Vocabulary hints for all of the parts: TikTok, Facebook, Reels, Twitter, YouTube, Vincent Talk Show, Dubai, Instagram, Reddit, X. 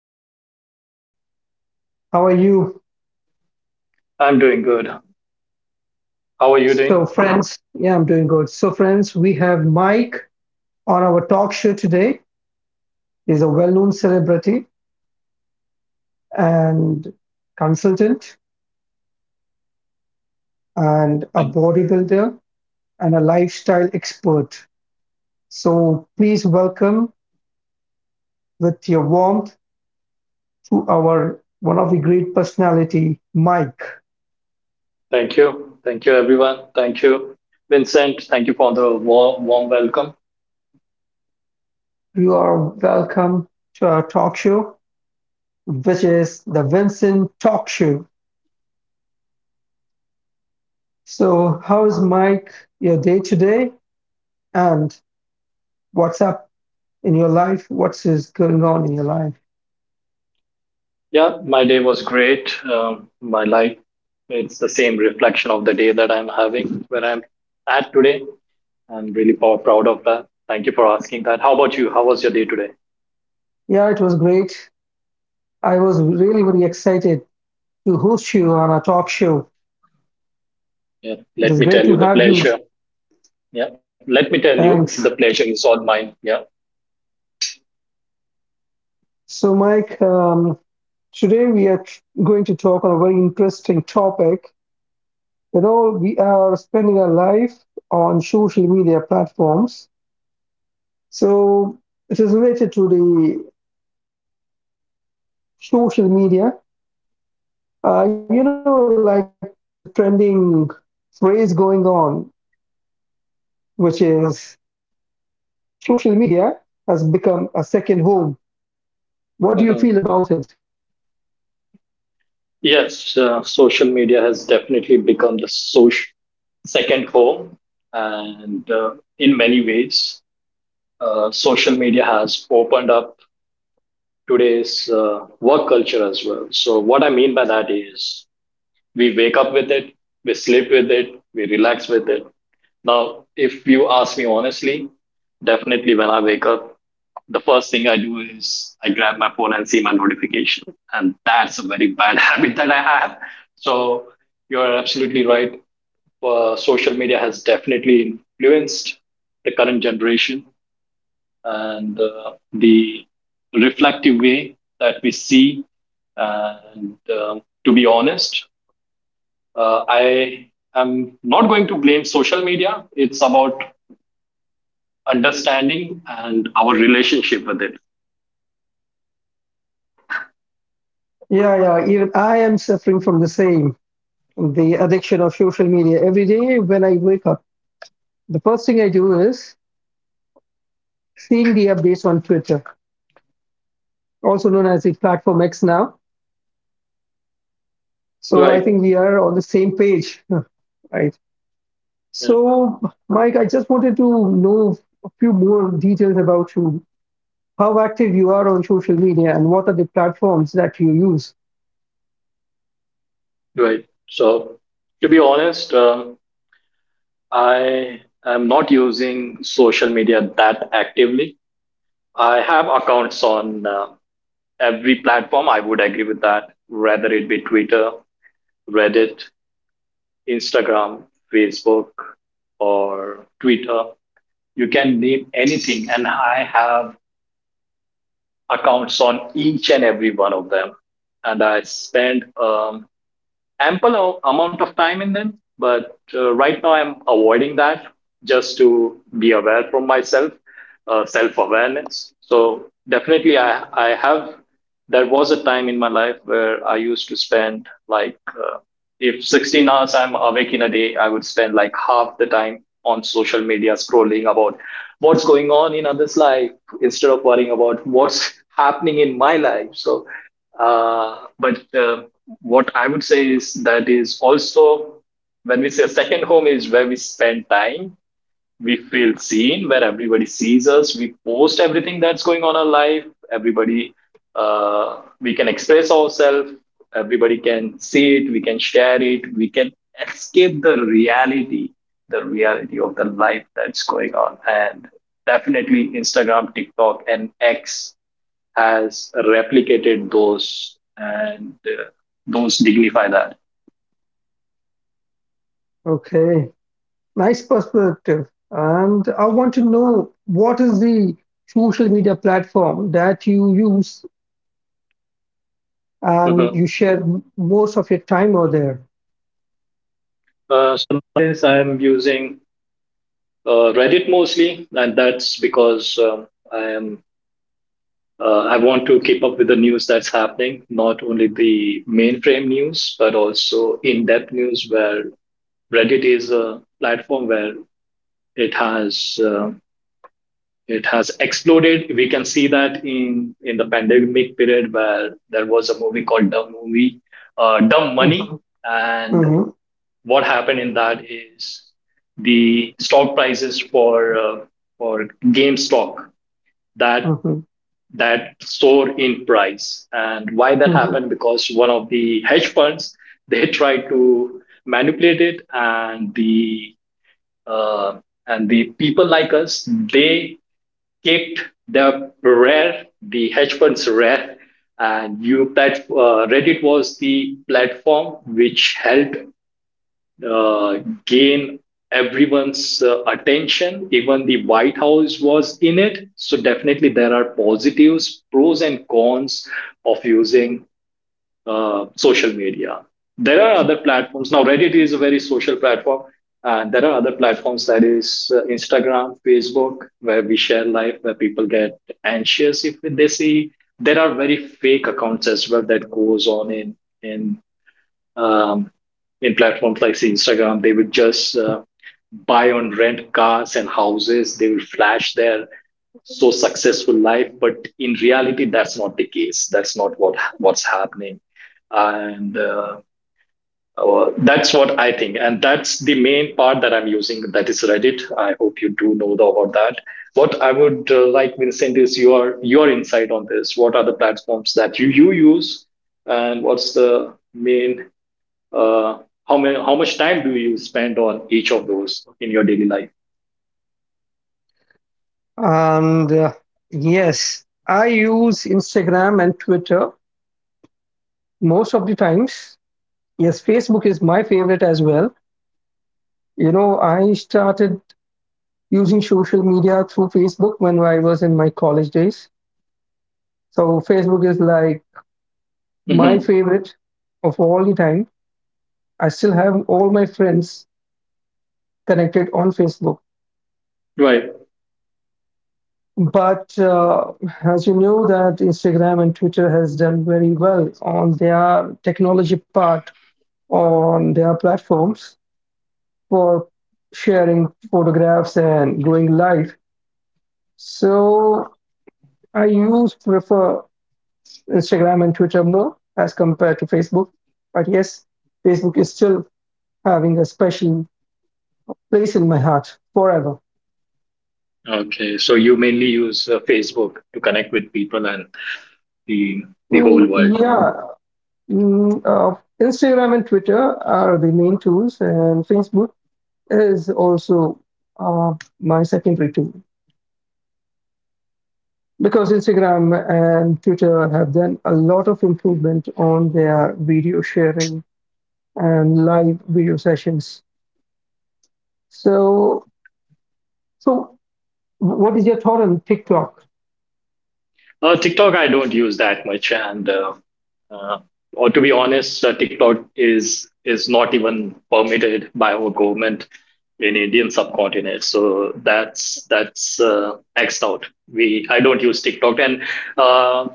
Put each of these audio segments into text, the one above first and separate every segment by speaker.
Speaker 1: Mike. How are you?
Speaker 2: I'm doing good. How are you
Speaker 1: So,
Speaker 2: doing?
Speaker 1: friends, yeah, I'm doing good. So, friends, we have Mike on our talk show today. He's a well known celebrity and consultant, and a
Speaker 2: Thank,
Speaker 1: bodybuilder and a lifestyle expert. So, please welcome with your warmth to our one of the great personality, Mike.
Speaker 2: thank you. Thank you, everyone. Thank you, Vincent. Thank you for the warm welcome.
Speaker 1: You are welcome to our talk show, which is the Vincent Talk Show. So, how is Mike your day today? And what's up in your life? What's is going on in your life?
Speaker 2: Yeah, my day was great. My life, it's the same reflection of the day that I'm having where I'm at today. I'm really proud of that. Thank you for asking that. How about you? How was your day today?
Speaker 1: Yeah, it was great. I was really, really excited to host you on a talk show.
Speaker 2: Yeah,
Speaker 1: It
Speaker 2: let
Speaker 1: is
Speaker 2: me
Speaker 1: great
Speaker 2: tell
Speaker 1: to
Speaker 2: you the
Speaker 1: have you.
Speaker 2: pleasure. Yeah, let me tell you
Speaker 1: Thanks.
Speaker 2: the pleasure is all mine. Yeah.
Speaker 1: So, Mike, today we are going to talk on a very interesting topic. You know, we are spending our life on social media platforms. So, it is related to the social media. You know, like there is a trending phrase going on, which is social media has become a second home. What do you
Speaker 2: Mhm.
Speaker 1: feel about it?
Speaker 2: Yes, social media has definitely become the source second home. And in many ways, social media has opened up today's work culture as well. So, what I mean by that is we wake up with it, we sleep with it, we relax with it. Now, if you ask me honestly, definitely when I wake up, the first thing I do is I grab my phone and see my notification. And that's a very bad habit that I have. So, you're absolutely right, social media has definitely influenced the current generation and the reflective way that we see. And to be honest, I am not going to blame social media. It's about understanding and our relationship with it.
Speaker 1: Yeah, yeah. Even I am suffering from the same, the addiction of social media. Every day when I wake up, the first thing I do is seeing the updates on Twitter, also known as the platform X now. So I
Speaker 2: Right.
Speaker 1: think we are on the same page, right?
Speaker 2: Yeah,
Speaker 1: So, Mike, I just wanted to know a few more details about you. How active you are on social media and what are the platforms that you use.
Speaker 2: right. So, to be honest, I am not using social media that actively. I have accounts on every platform, I would agree with that, whether it be Twitter, Reddit, Instagram, Facebook, or Twitter. You can name anything, and I have accounts on each and every one of them. And I spend ample amount of time in them, but right now I'm avoiding that just to be aware from myself, self awareness. So definitely I have, there was a time in my life where I used to spend like if 16 hours I'm awake in a day, I would spend like half the time on social media scrolling about what's going on in others life instead of worrying about what's happening in my life. So, but what I would say is that is also when we say second home is where we spend time, we feel seen, where everybody sees us. We post everything that's going on in our life. Everybody, we can express ourselves. Everybody can see it, we can share it, we can escape the reality, the reality of the life that's going on. And definitely Instagram, TikTok, and X has replicated those, and those dignify that.
Speaker 1: Okay, nice perspective. And I want to know what is the social media platform that you use and
Speaker 2: Mm-hmm.
Speaker 1: you share most of your time over there.
Speaker 2: So since I'm using Reddit mostly, and that's because I am, I want to keep up with the news that's happening, not only the mainframe news, but also in-depth news. Where Reddit is a platform where it has uh, it has exploded. We can see that in the pandemic period where there was a movie called Dumb Movie, Dumb Money,
Speaker 1: Mhm,
Speaker 2: and
Speaker 1: mhm,
Speaker 2: what happened in that is the stock prices for for game stock that
Speaker 1: mhm,
Speaker 2: that soar in price. And why that
Speaker 1: mhm.
Speaker 2: happened? Because one of the hedge funds, they tried to manipulate it, uh, and the people like us, they kicked the hedge funds rare, and Reddit was the platform which helped uh, gain everyone's attention. Even the White House was in it. So, definitely, there are positives, pros, and cons of using social media. There are other platforms. Now, Reddit is a very social platform. And there are other platforms that is Instagram, Facebook, where we share life, where people get anxious if they see. There are very fake accounts as well that goes on in um, in platforms like say Instagram. They would just buy and rent cars and houses. They will flash their so successful life, but in reality, that's not the case. That's not what's happening, and that's what I think. And that's the main part that I'm using. That is Reddit. I hope you do know about that. What I would like, Vincent, is your insight on this. What are the platforms that you use, and what's the main, uh, how much time do you spend on each of those in your daily life?
Speaker 1: And yes, I use Instagram and Twitter most of the times. Yes, Facebook is my favorite as well. You know, I started using social media through Facebook when I was in my college days. So Facebook is like my
Speaker 2: Mm-hmm.
Speaker 1: favorite of all the time. I still have all my friends connected on Facebook.
Speaker 2: Right.
Speaker 1: But as you know, that Instagram and Twitter has done very well on their technology part on their platforms for sharing photographs and going live. So I use prefer Instagram and Twitter more as compared to Facebook. But yes, Facebook is still having a special place in my heart forever.
Speaker 2: Okay. So you mainly use Facebook to connect with people and the the whole
Speaker 1: Mm,
Speaker 2: world.
Speaker 1: yeah, mm, Instagram and Twitter are the main tools, and Facebook is also uh, my secondary tool because Instagram and Twitter have done a lot of improvement on their video sharing and live video sessions. So, so, what is your thought on TikTok?
Speaker 2: TikTok, I don't use that much, and uh, or to be honest, TikTok is not even permitted by our government in Indian subcontinent. So that's xed out. We I don't use TikTok, and uh,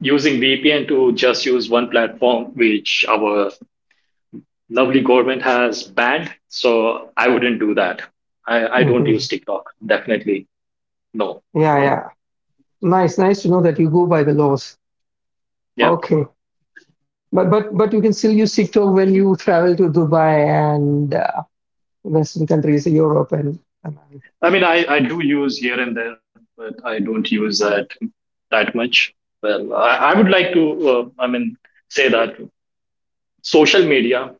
Speaker 2: using VPN to just use one platform, which our lovely government has banned. So I wouldn't do that. I don't use
Speaker 1: Mhm.
Speaker 2: TikTok. Definitely no.
Speaker 1: Yeah, yeah. Nice, nice to know that you go by the laws.
Speaker 2: Yeah.
Speaker 1: Okay, but you can still use TikTok when you travel to Dubai and Western countries, Europe and America.
Speaker 2: I mean, I do use here and there, but I don't use that much. Well, I would like to, I mean, say that social media,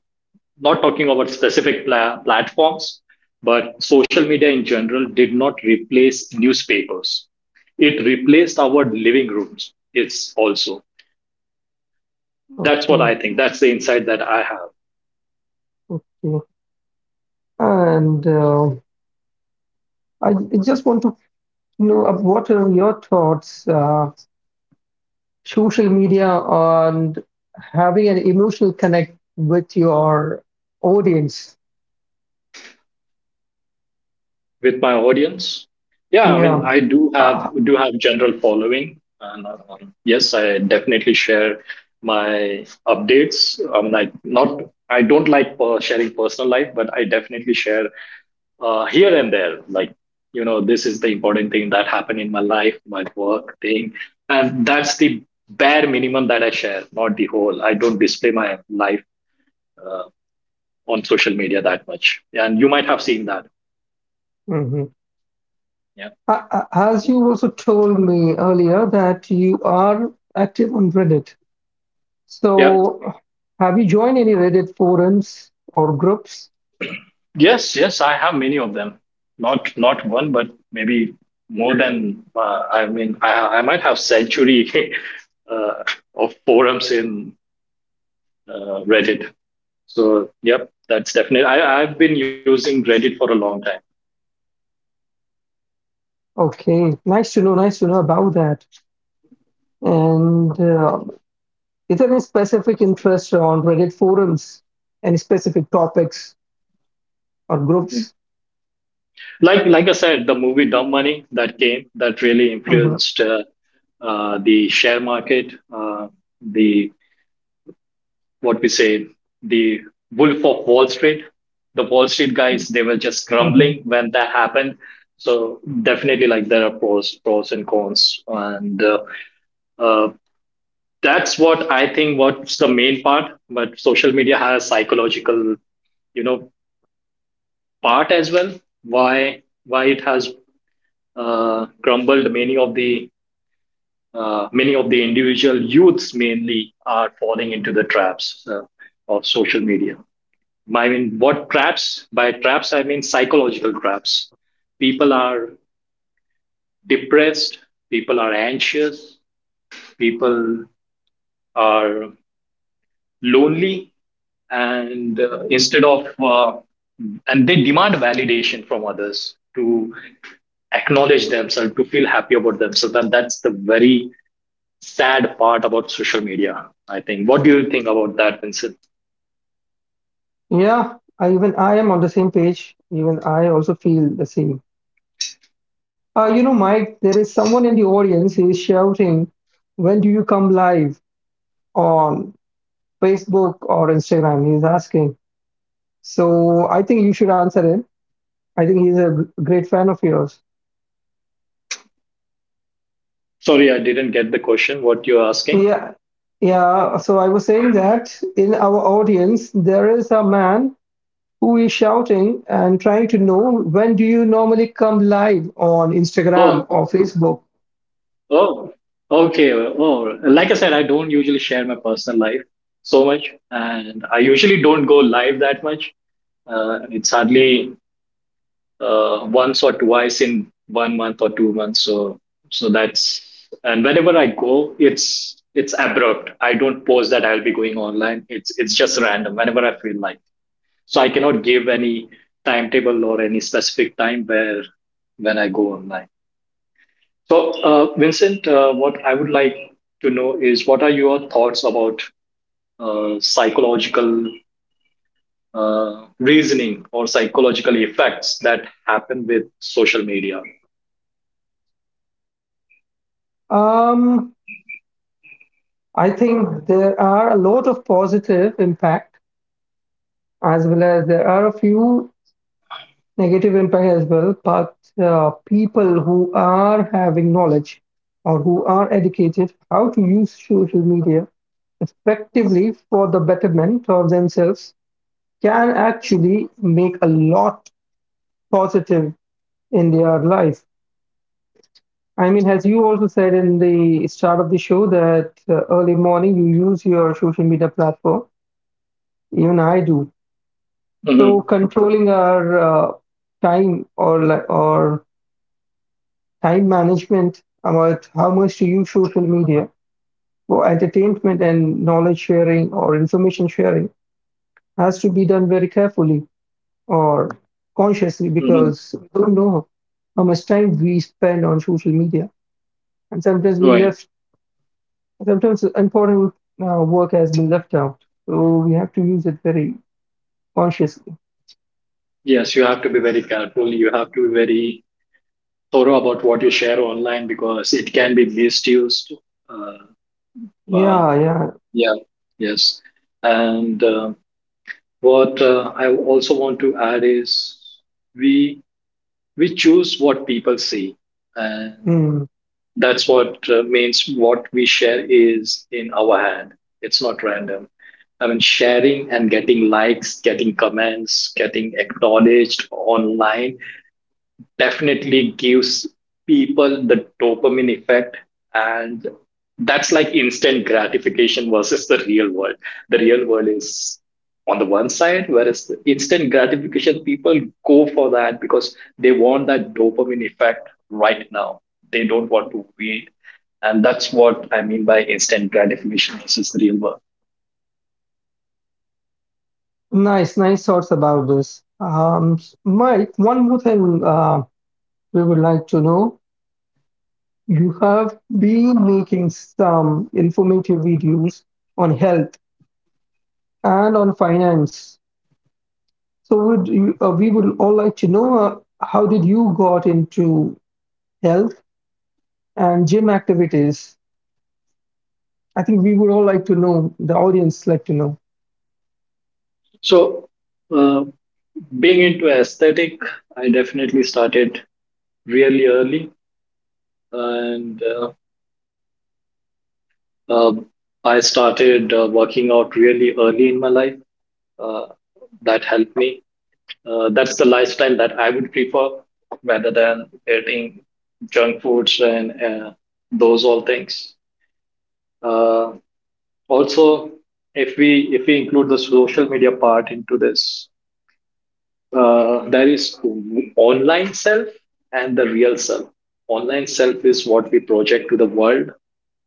Speaker 2: not talking about specific platforms, but social media in general did not replace newspapers. It replaced our living rooms. It's also, that's what
Speaker 1: Okay,
Speaker 2: I think. That's the insight that I have.
Speaker 1: okay. And I just want to know what are your thoughts, social media on having an emotional connect with your audience?
Speaker 2: With my audience, yeah, I mean,
Speaker 1: Yeah.
Speaker 2: I
Speaker 1: Uh,
Speaker 2: do have general following, and yes, I definitely share my updates. i mean i not I don't like per sharing personal life, but I definitely share here and there, like, you know, this is the important thing that happened in my life, my work thing, and that's the bare minimum that I share. Not the whole, I don't display my life uh, on social media that much, and you might have seen that.
Speaker 1: mm-hmm.
Speaker 2: yeah
Speaker 1: As you also told me earlier that you are active on Reddit.
Speaker 2: yeah.
Speaker 1: So, have you joined any Reddit forums or groups?
Speaker 2: Yes, yes, I have many of them. Not one, but maybe more than, I mean, I might have century uh, of forums in Reddit. So yep, that's definitely. I've been using Reddit for a long time.
Speaker 1: Okay, nice to know about that. And is there any specific interest on Reddit forums? Any specific topics or groups?
Speaker 2: Like I said, the movie Dumb Money that came, that really
Speaker 1: Hmm.
Speaker 2: influenced the share market, the what we say the Wolf of Wall Street. The Wall Street guys, they were just
Speaker 1: Hmm.
Speaker 2: grumbling when that happened. So definitely, like there are pros and cons, and uh, that's what I think. What's the main part? But social media has psychological, you know, part as well. Why it has crumbled many of the, many of the individual youths, mainly are falling into the traps of social media. I mean, what traps? By traps, I mean psychological traps. People are depressed, people are anxious, people are lonely, and and they demand validation from others to acknowledge themselves, to feel happy about themselves. And that's the very sad part about social media, I think. What do you think about that, Vincent?
Speaker 1: Yeah, I, even I am on the same page. Even I also feel the same. You know, Mike, there is someone in the audience who is shouting, when do you come live on Facebook or Instagram? He's asking. So I think you should answer him. I think he's a great fan of yours.
Speaker 2: Sorry, I didn't get the question. What you're asking?
Speaker 1: Yeah. Yeah. So I was saying that in our audience, there is a man who is shouting and trying to know when do you normally come live on
Speaker 2: Oh,
Speaker 1: Instagram or Facebook?
Speaker 2: oh, okay. Oh, like I said, I don't usually share my personal life so much, and I usually don't go live that much. It's hardly once or twice in one month or two months. So, so that's, and whenever I go, it's abrupt. I don't post that I'll be going online. It's just random whenever I feel like. So I cannot give any timetable or any specific time where when I go online. So, Vincent, what I would like to know is what are your thoughts about psychological reasoning or psychological effects that happen with social media?
Speaker 1: Um, I think there are a lot of positive impact as well as there are a few negative impact as well but people who are having knowledge or who are educated how to use social media effectively for the betterment of themselves can actually make a lot positive in their life. I mean, as you also said in the start of the show that early morning you use your social media platform, even I do. So
Speaker 2: Hmm.
Speaker 1: controlling our time or like or time management, about how much do you social media for entertainment and knowledge sharing or information sharing has to be done very carefully or consciously
Speaker 2: Hmm.
Speaker 1: because we don't know how much time we spend on social media and sometimes we
Speaker 2: Right.
Speaker 1: left sometimes important work has been left out so we have to use it very consciously.
Speaker 2: Yes, you have to be very careful. You have to be very thorough about what you share online because it can be misused. Uh, uh,
Speaker 1: Yeah, yeah.
Speaker 2: yeah. Yes. And what I also want to add is we we choose what people see, and
Speaker 1: Hmm.
Speaker 2: that's what means what we share is in our hand. It's not random. I mean, sharing and getting likes, getting comments, getting acknowledged online definitely gives people the dopamine effect. And that's like instant gratification versus the real world. The real world is on the one side, whereas the instant gratification people go for that because they want that dopamine effect right now. They don't want to wait. And that's what I mean by instant gratification versus the real world.
Speaker 1: Nice, nice thoughts about this. Mike, one more thing, we would like to know. You have been making some informative videos on health and on finance. We would all like to know how did you got into health and gym activities? I think we would all like to know. The audience like to know.
Speaker 2: So uh, being into aesthetic, I definitely started really early, and Uh, I started working out really early in my life. Uh, that helped me. That's the lifestyle that I would prefer, rather than eating junk foods and those all things. Uh, Also, if we include the social media part into this, there is online self and the real self. Online self is what we project to the world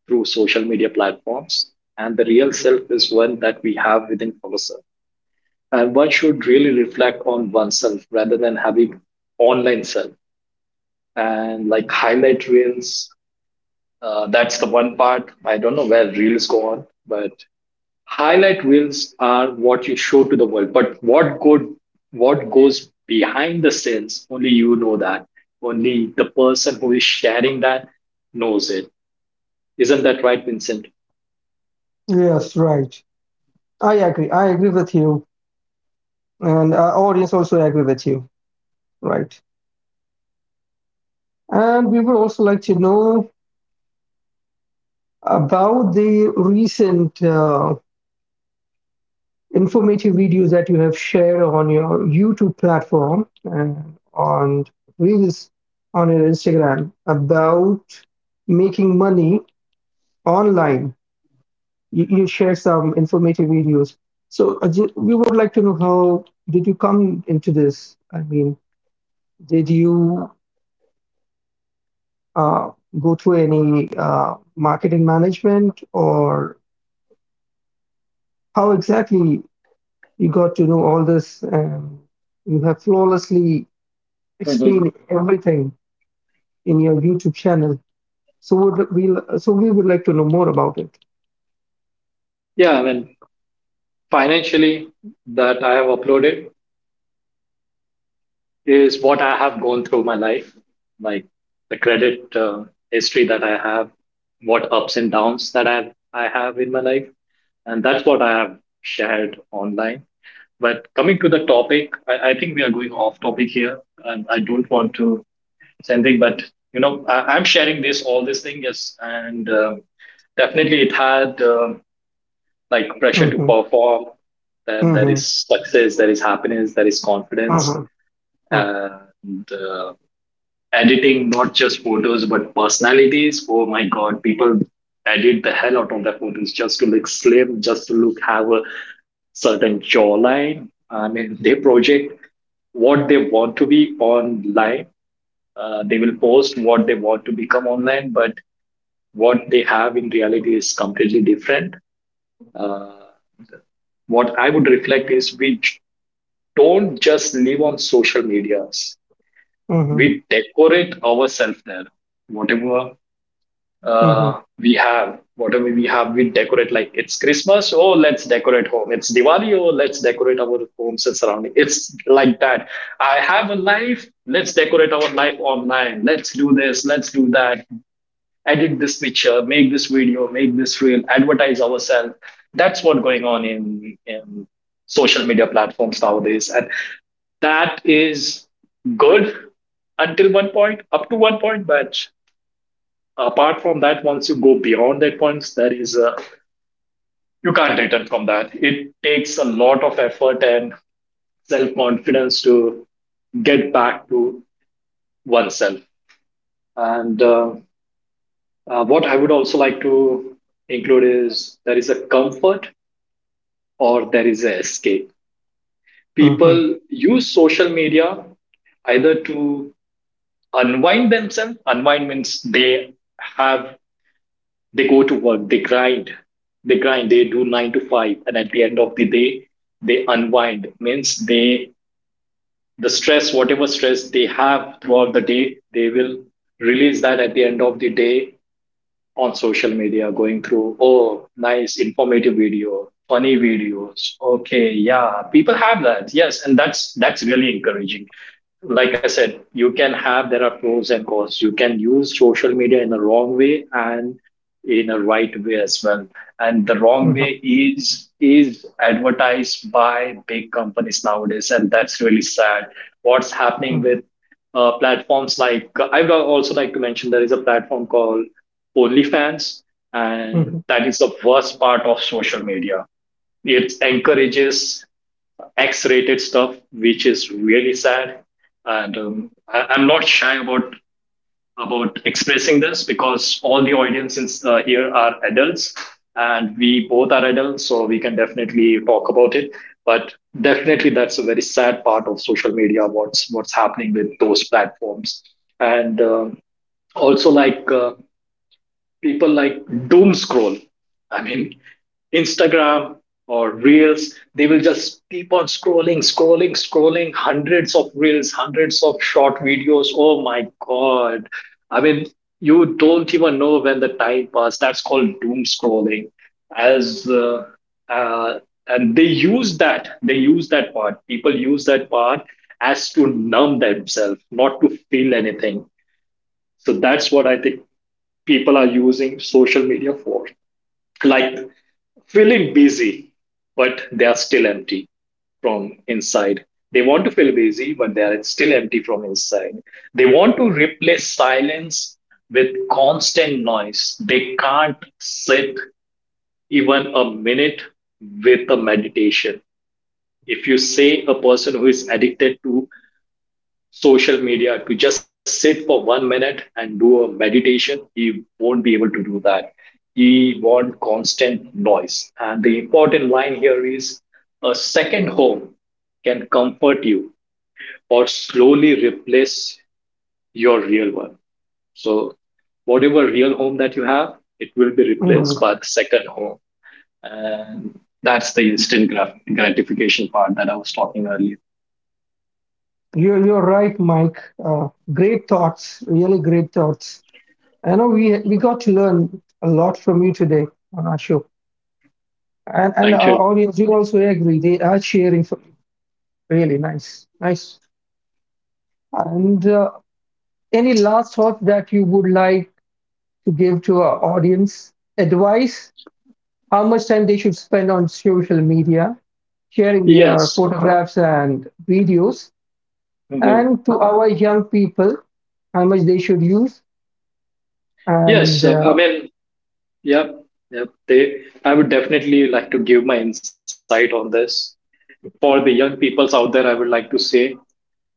Speaker 2: through social media platforms, and the real self is one that we have within ourselves. And one should really reflect on oneself rather than having online self and like highlight reels. That's the one part. I don't know where reels go on, but highlight reels are what you show to the world but what goes behind the scenes only you know that, only the person who is sharing that knows it. Isn't that right, Vincent?
Speaker 1: Yes, right. I agree. I agree with you, and our audience also agree with you, right? And we would also like to know about the recent informative videos that you have shared on your YouTube platform and on Reels on your Instagram about making money online. You share some informative videos. So we would like to know how did you come into this? I mean, did you uh, go through any marketing management or how exactly you got to know all this and you have flawlessly explain
Speaker 2: Mhm.
Speaker 1: everything in your YouTube channel. So would we so we would like to know more about it.
Speaker 2: Yeah, I mean financially that I have uploaded is what I have gone through my life, like the credit history that I have, what ups and downs that I have in my life, and that's what I have shared online. But coming to the topic, I think we are going off topic here, and I don't want to say anything. But I'm sharing this all this thing, yes, and definitely it had like pressure to
Speaker 1: Mm-hmm.
Speaker 2: perform. That
Speaker 1: Mm-hmm.
Speaker 2: is success, that is happiness, that is confidence,
Speaker 1: Mm-hmm.
Speaker 2: and editing not just photos but personalities. Oh my god, people edit the hell out of their photos just to look slim, just to look have a certain jawline. I mean, they project what they want to be online. They will post what they want to become online, but what they have in reality is completely different. Uh, what I would reflect is we don't just live on social medias,
Speaker 1: Mm-hmm.
Speaker 2: we decorate ourselves there. Whatever
Speaker 1: Mm-hmm. Mm-hmm.
Speaker 2: whatever we have, we decorate. Like it's Christmas, oh let's decorate home. It's Diwali, oh let's decorate our homes and surrounding. It's like that. I have a life. Let's decorate our life online. Let's do this. Let's do that. Edit this picture. Make this video. Make this reel. Advertise ourselves. That's what going on in social media platforms nowadays. And that is good until one point, up to one point, but apart from that, once you go beyond that point, there is a you can't return from that. It takes a lot of effort and self confidence to get back to oneself. And What I would also like to include is there is a comfort or there is an escape.
Speaker 1: Mm-hmm.
Speaker 2: People use social media either to unwind themselves. Unwind means they have, they go to work, they grind, they do nine to five, and at the end of the day, they unwind. Means they the stress, whatever stress they have throughout the day, they will release that at the end of the day on social media going through, oh, nice, informative video, funny videos. Okay, yeah, people have that. Yes, and that's really encouraging. Like I said, you can have there are pros and cons. You can use social media in a wrong way and in a right way as well. And the wrong
Speaker 1: Mm-hmm.
Speaker 2: way is advertised by big companies nowadays, and that's really sad. What's happening with platforms like I would also like to mention there is a platform called OnlyFans,
Speaker 1: Mm-hmm.
Speaker 2: and that is the worst part of social media. It encourages X-rated stuff, which is really sad. And I'm not shy about expressing this because all the audiences here are adults, and we both are adults, so we can definitely talk about it. But definitely, that's a very sad part of social media. What's happening with those platforms, and also like. People like doom scroll. I mean, Instagram or Reels, they will just keep on scrolling, scrolling, scrolling, hundreds of Reels, hundreds of short videos. Oh my God. I mean, you don't even know when the time passed. That's called doom scrolling. As uh, and they use that part. People use that part as to numb themselves, not to feel anything. So that's what I think people are using social media for, like feeling busy but they are still empty from inside. They want to feel busy but they are still empty from inside. They want to replace silence with constant noise. They can't sit even a minute with a meditation. If you say a person who is addicted to social media to just sit for 1 minute and do a meditation, he won't be able to do that. He wants constant noise. And the important line here is a second home can comfort you or slowly replace your real one. So, whatever real home that you have, it will be replaced
Speaker 1: Mm-hmm.
Speaker 2: by the second home. And that's the instant gratification part that I was talking earlier.
Speaker 1: You're right, Mike. Great thoughts, really great thoughts. I know we got to learn a lot from you today on our show, and
Speaker 2: Thank
Speaker 1: our
Speaker 2: you.
Speaker 1: audience will also agree. They are cheering for you. Really nice, nice. And any last thoughts that you would like to give to our audience? Advice how much time they should spend on social media, sharing their
Speaker 2: Yes.
Speaker 1: photographs and videos,
Speaker 2: Mhm.
Speaker 1: and to our young people, how much they should use. And
Speaker 2: Yes, uh, I mean, Yep, yep. I would definitely like to give my insight on this. For the young peoples out there, I would like to say,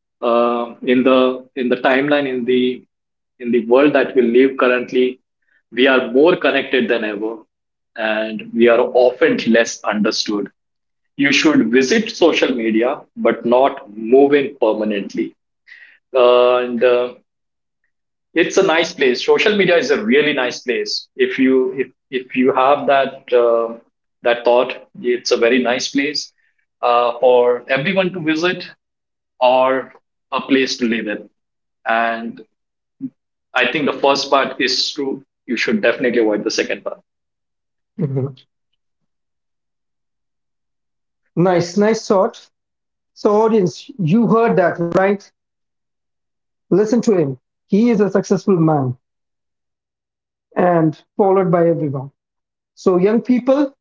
Speaker 2: in the world that we live currently, we are more connected than ever, and we are often less understood. You should visit social media, but not move in permanently. And it's a nice place. Social media is a really nice place if you have that that thought. It's a very nice place for everyone to visit, or a place to live in, and I think the first part is true. You should definitely avoid the second part.
Speaker 1: mhm. Nice, nice thought. So, audience, you heard that, right? Listen to him. He is a successful man and followed by everyone. So, young people,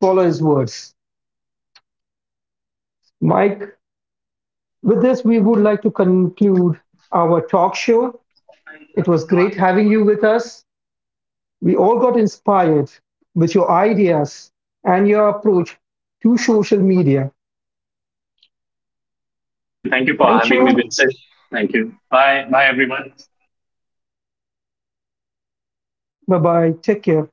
Speaker 1: follow his words. Mike, with this, we would like to conclude our talk show. It was great having you with us. We all got inspired with your ideas and your approach to social media.
Speaker 2: Thank you. Thank you for
Speaker 1: Thank
Speaker 2: having me,
Speaker 1: you.
Speaker 2: Vincent. Thank you. Bye bye, everyone.
Speaker 1: Bye bye. Take care.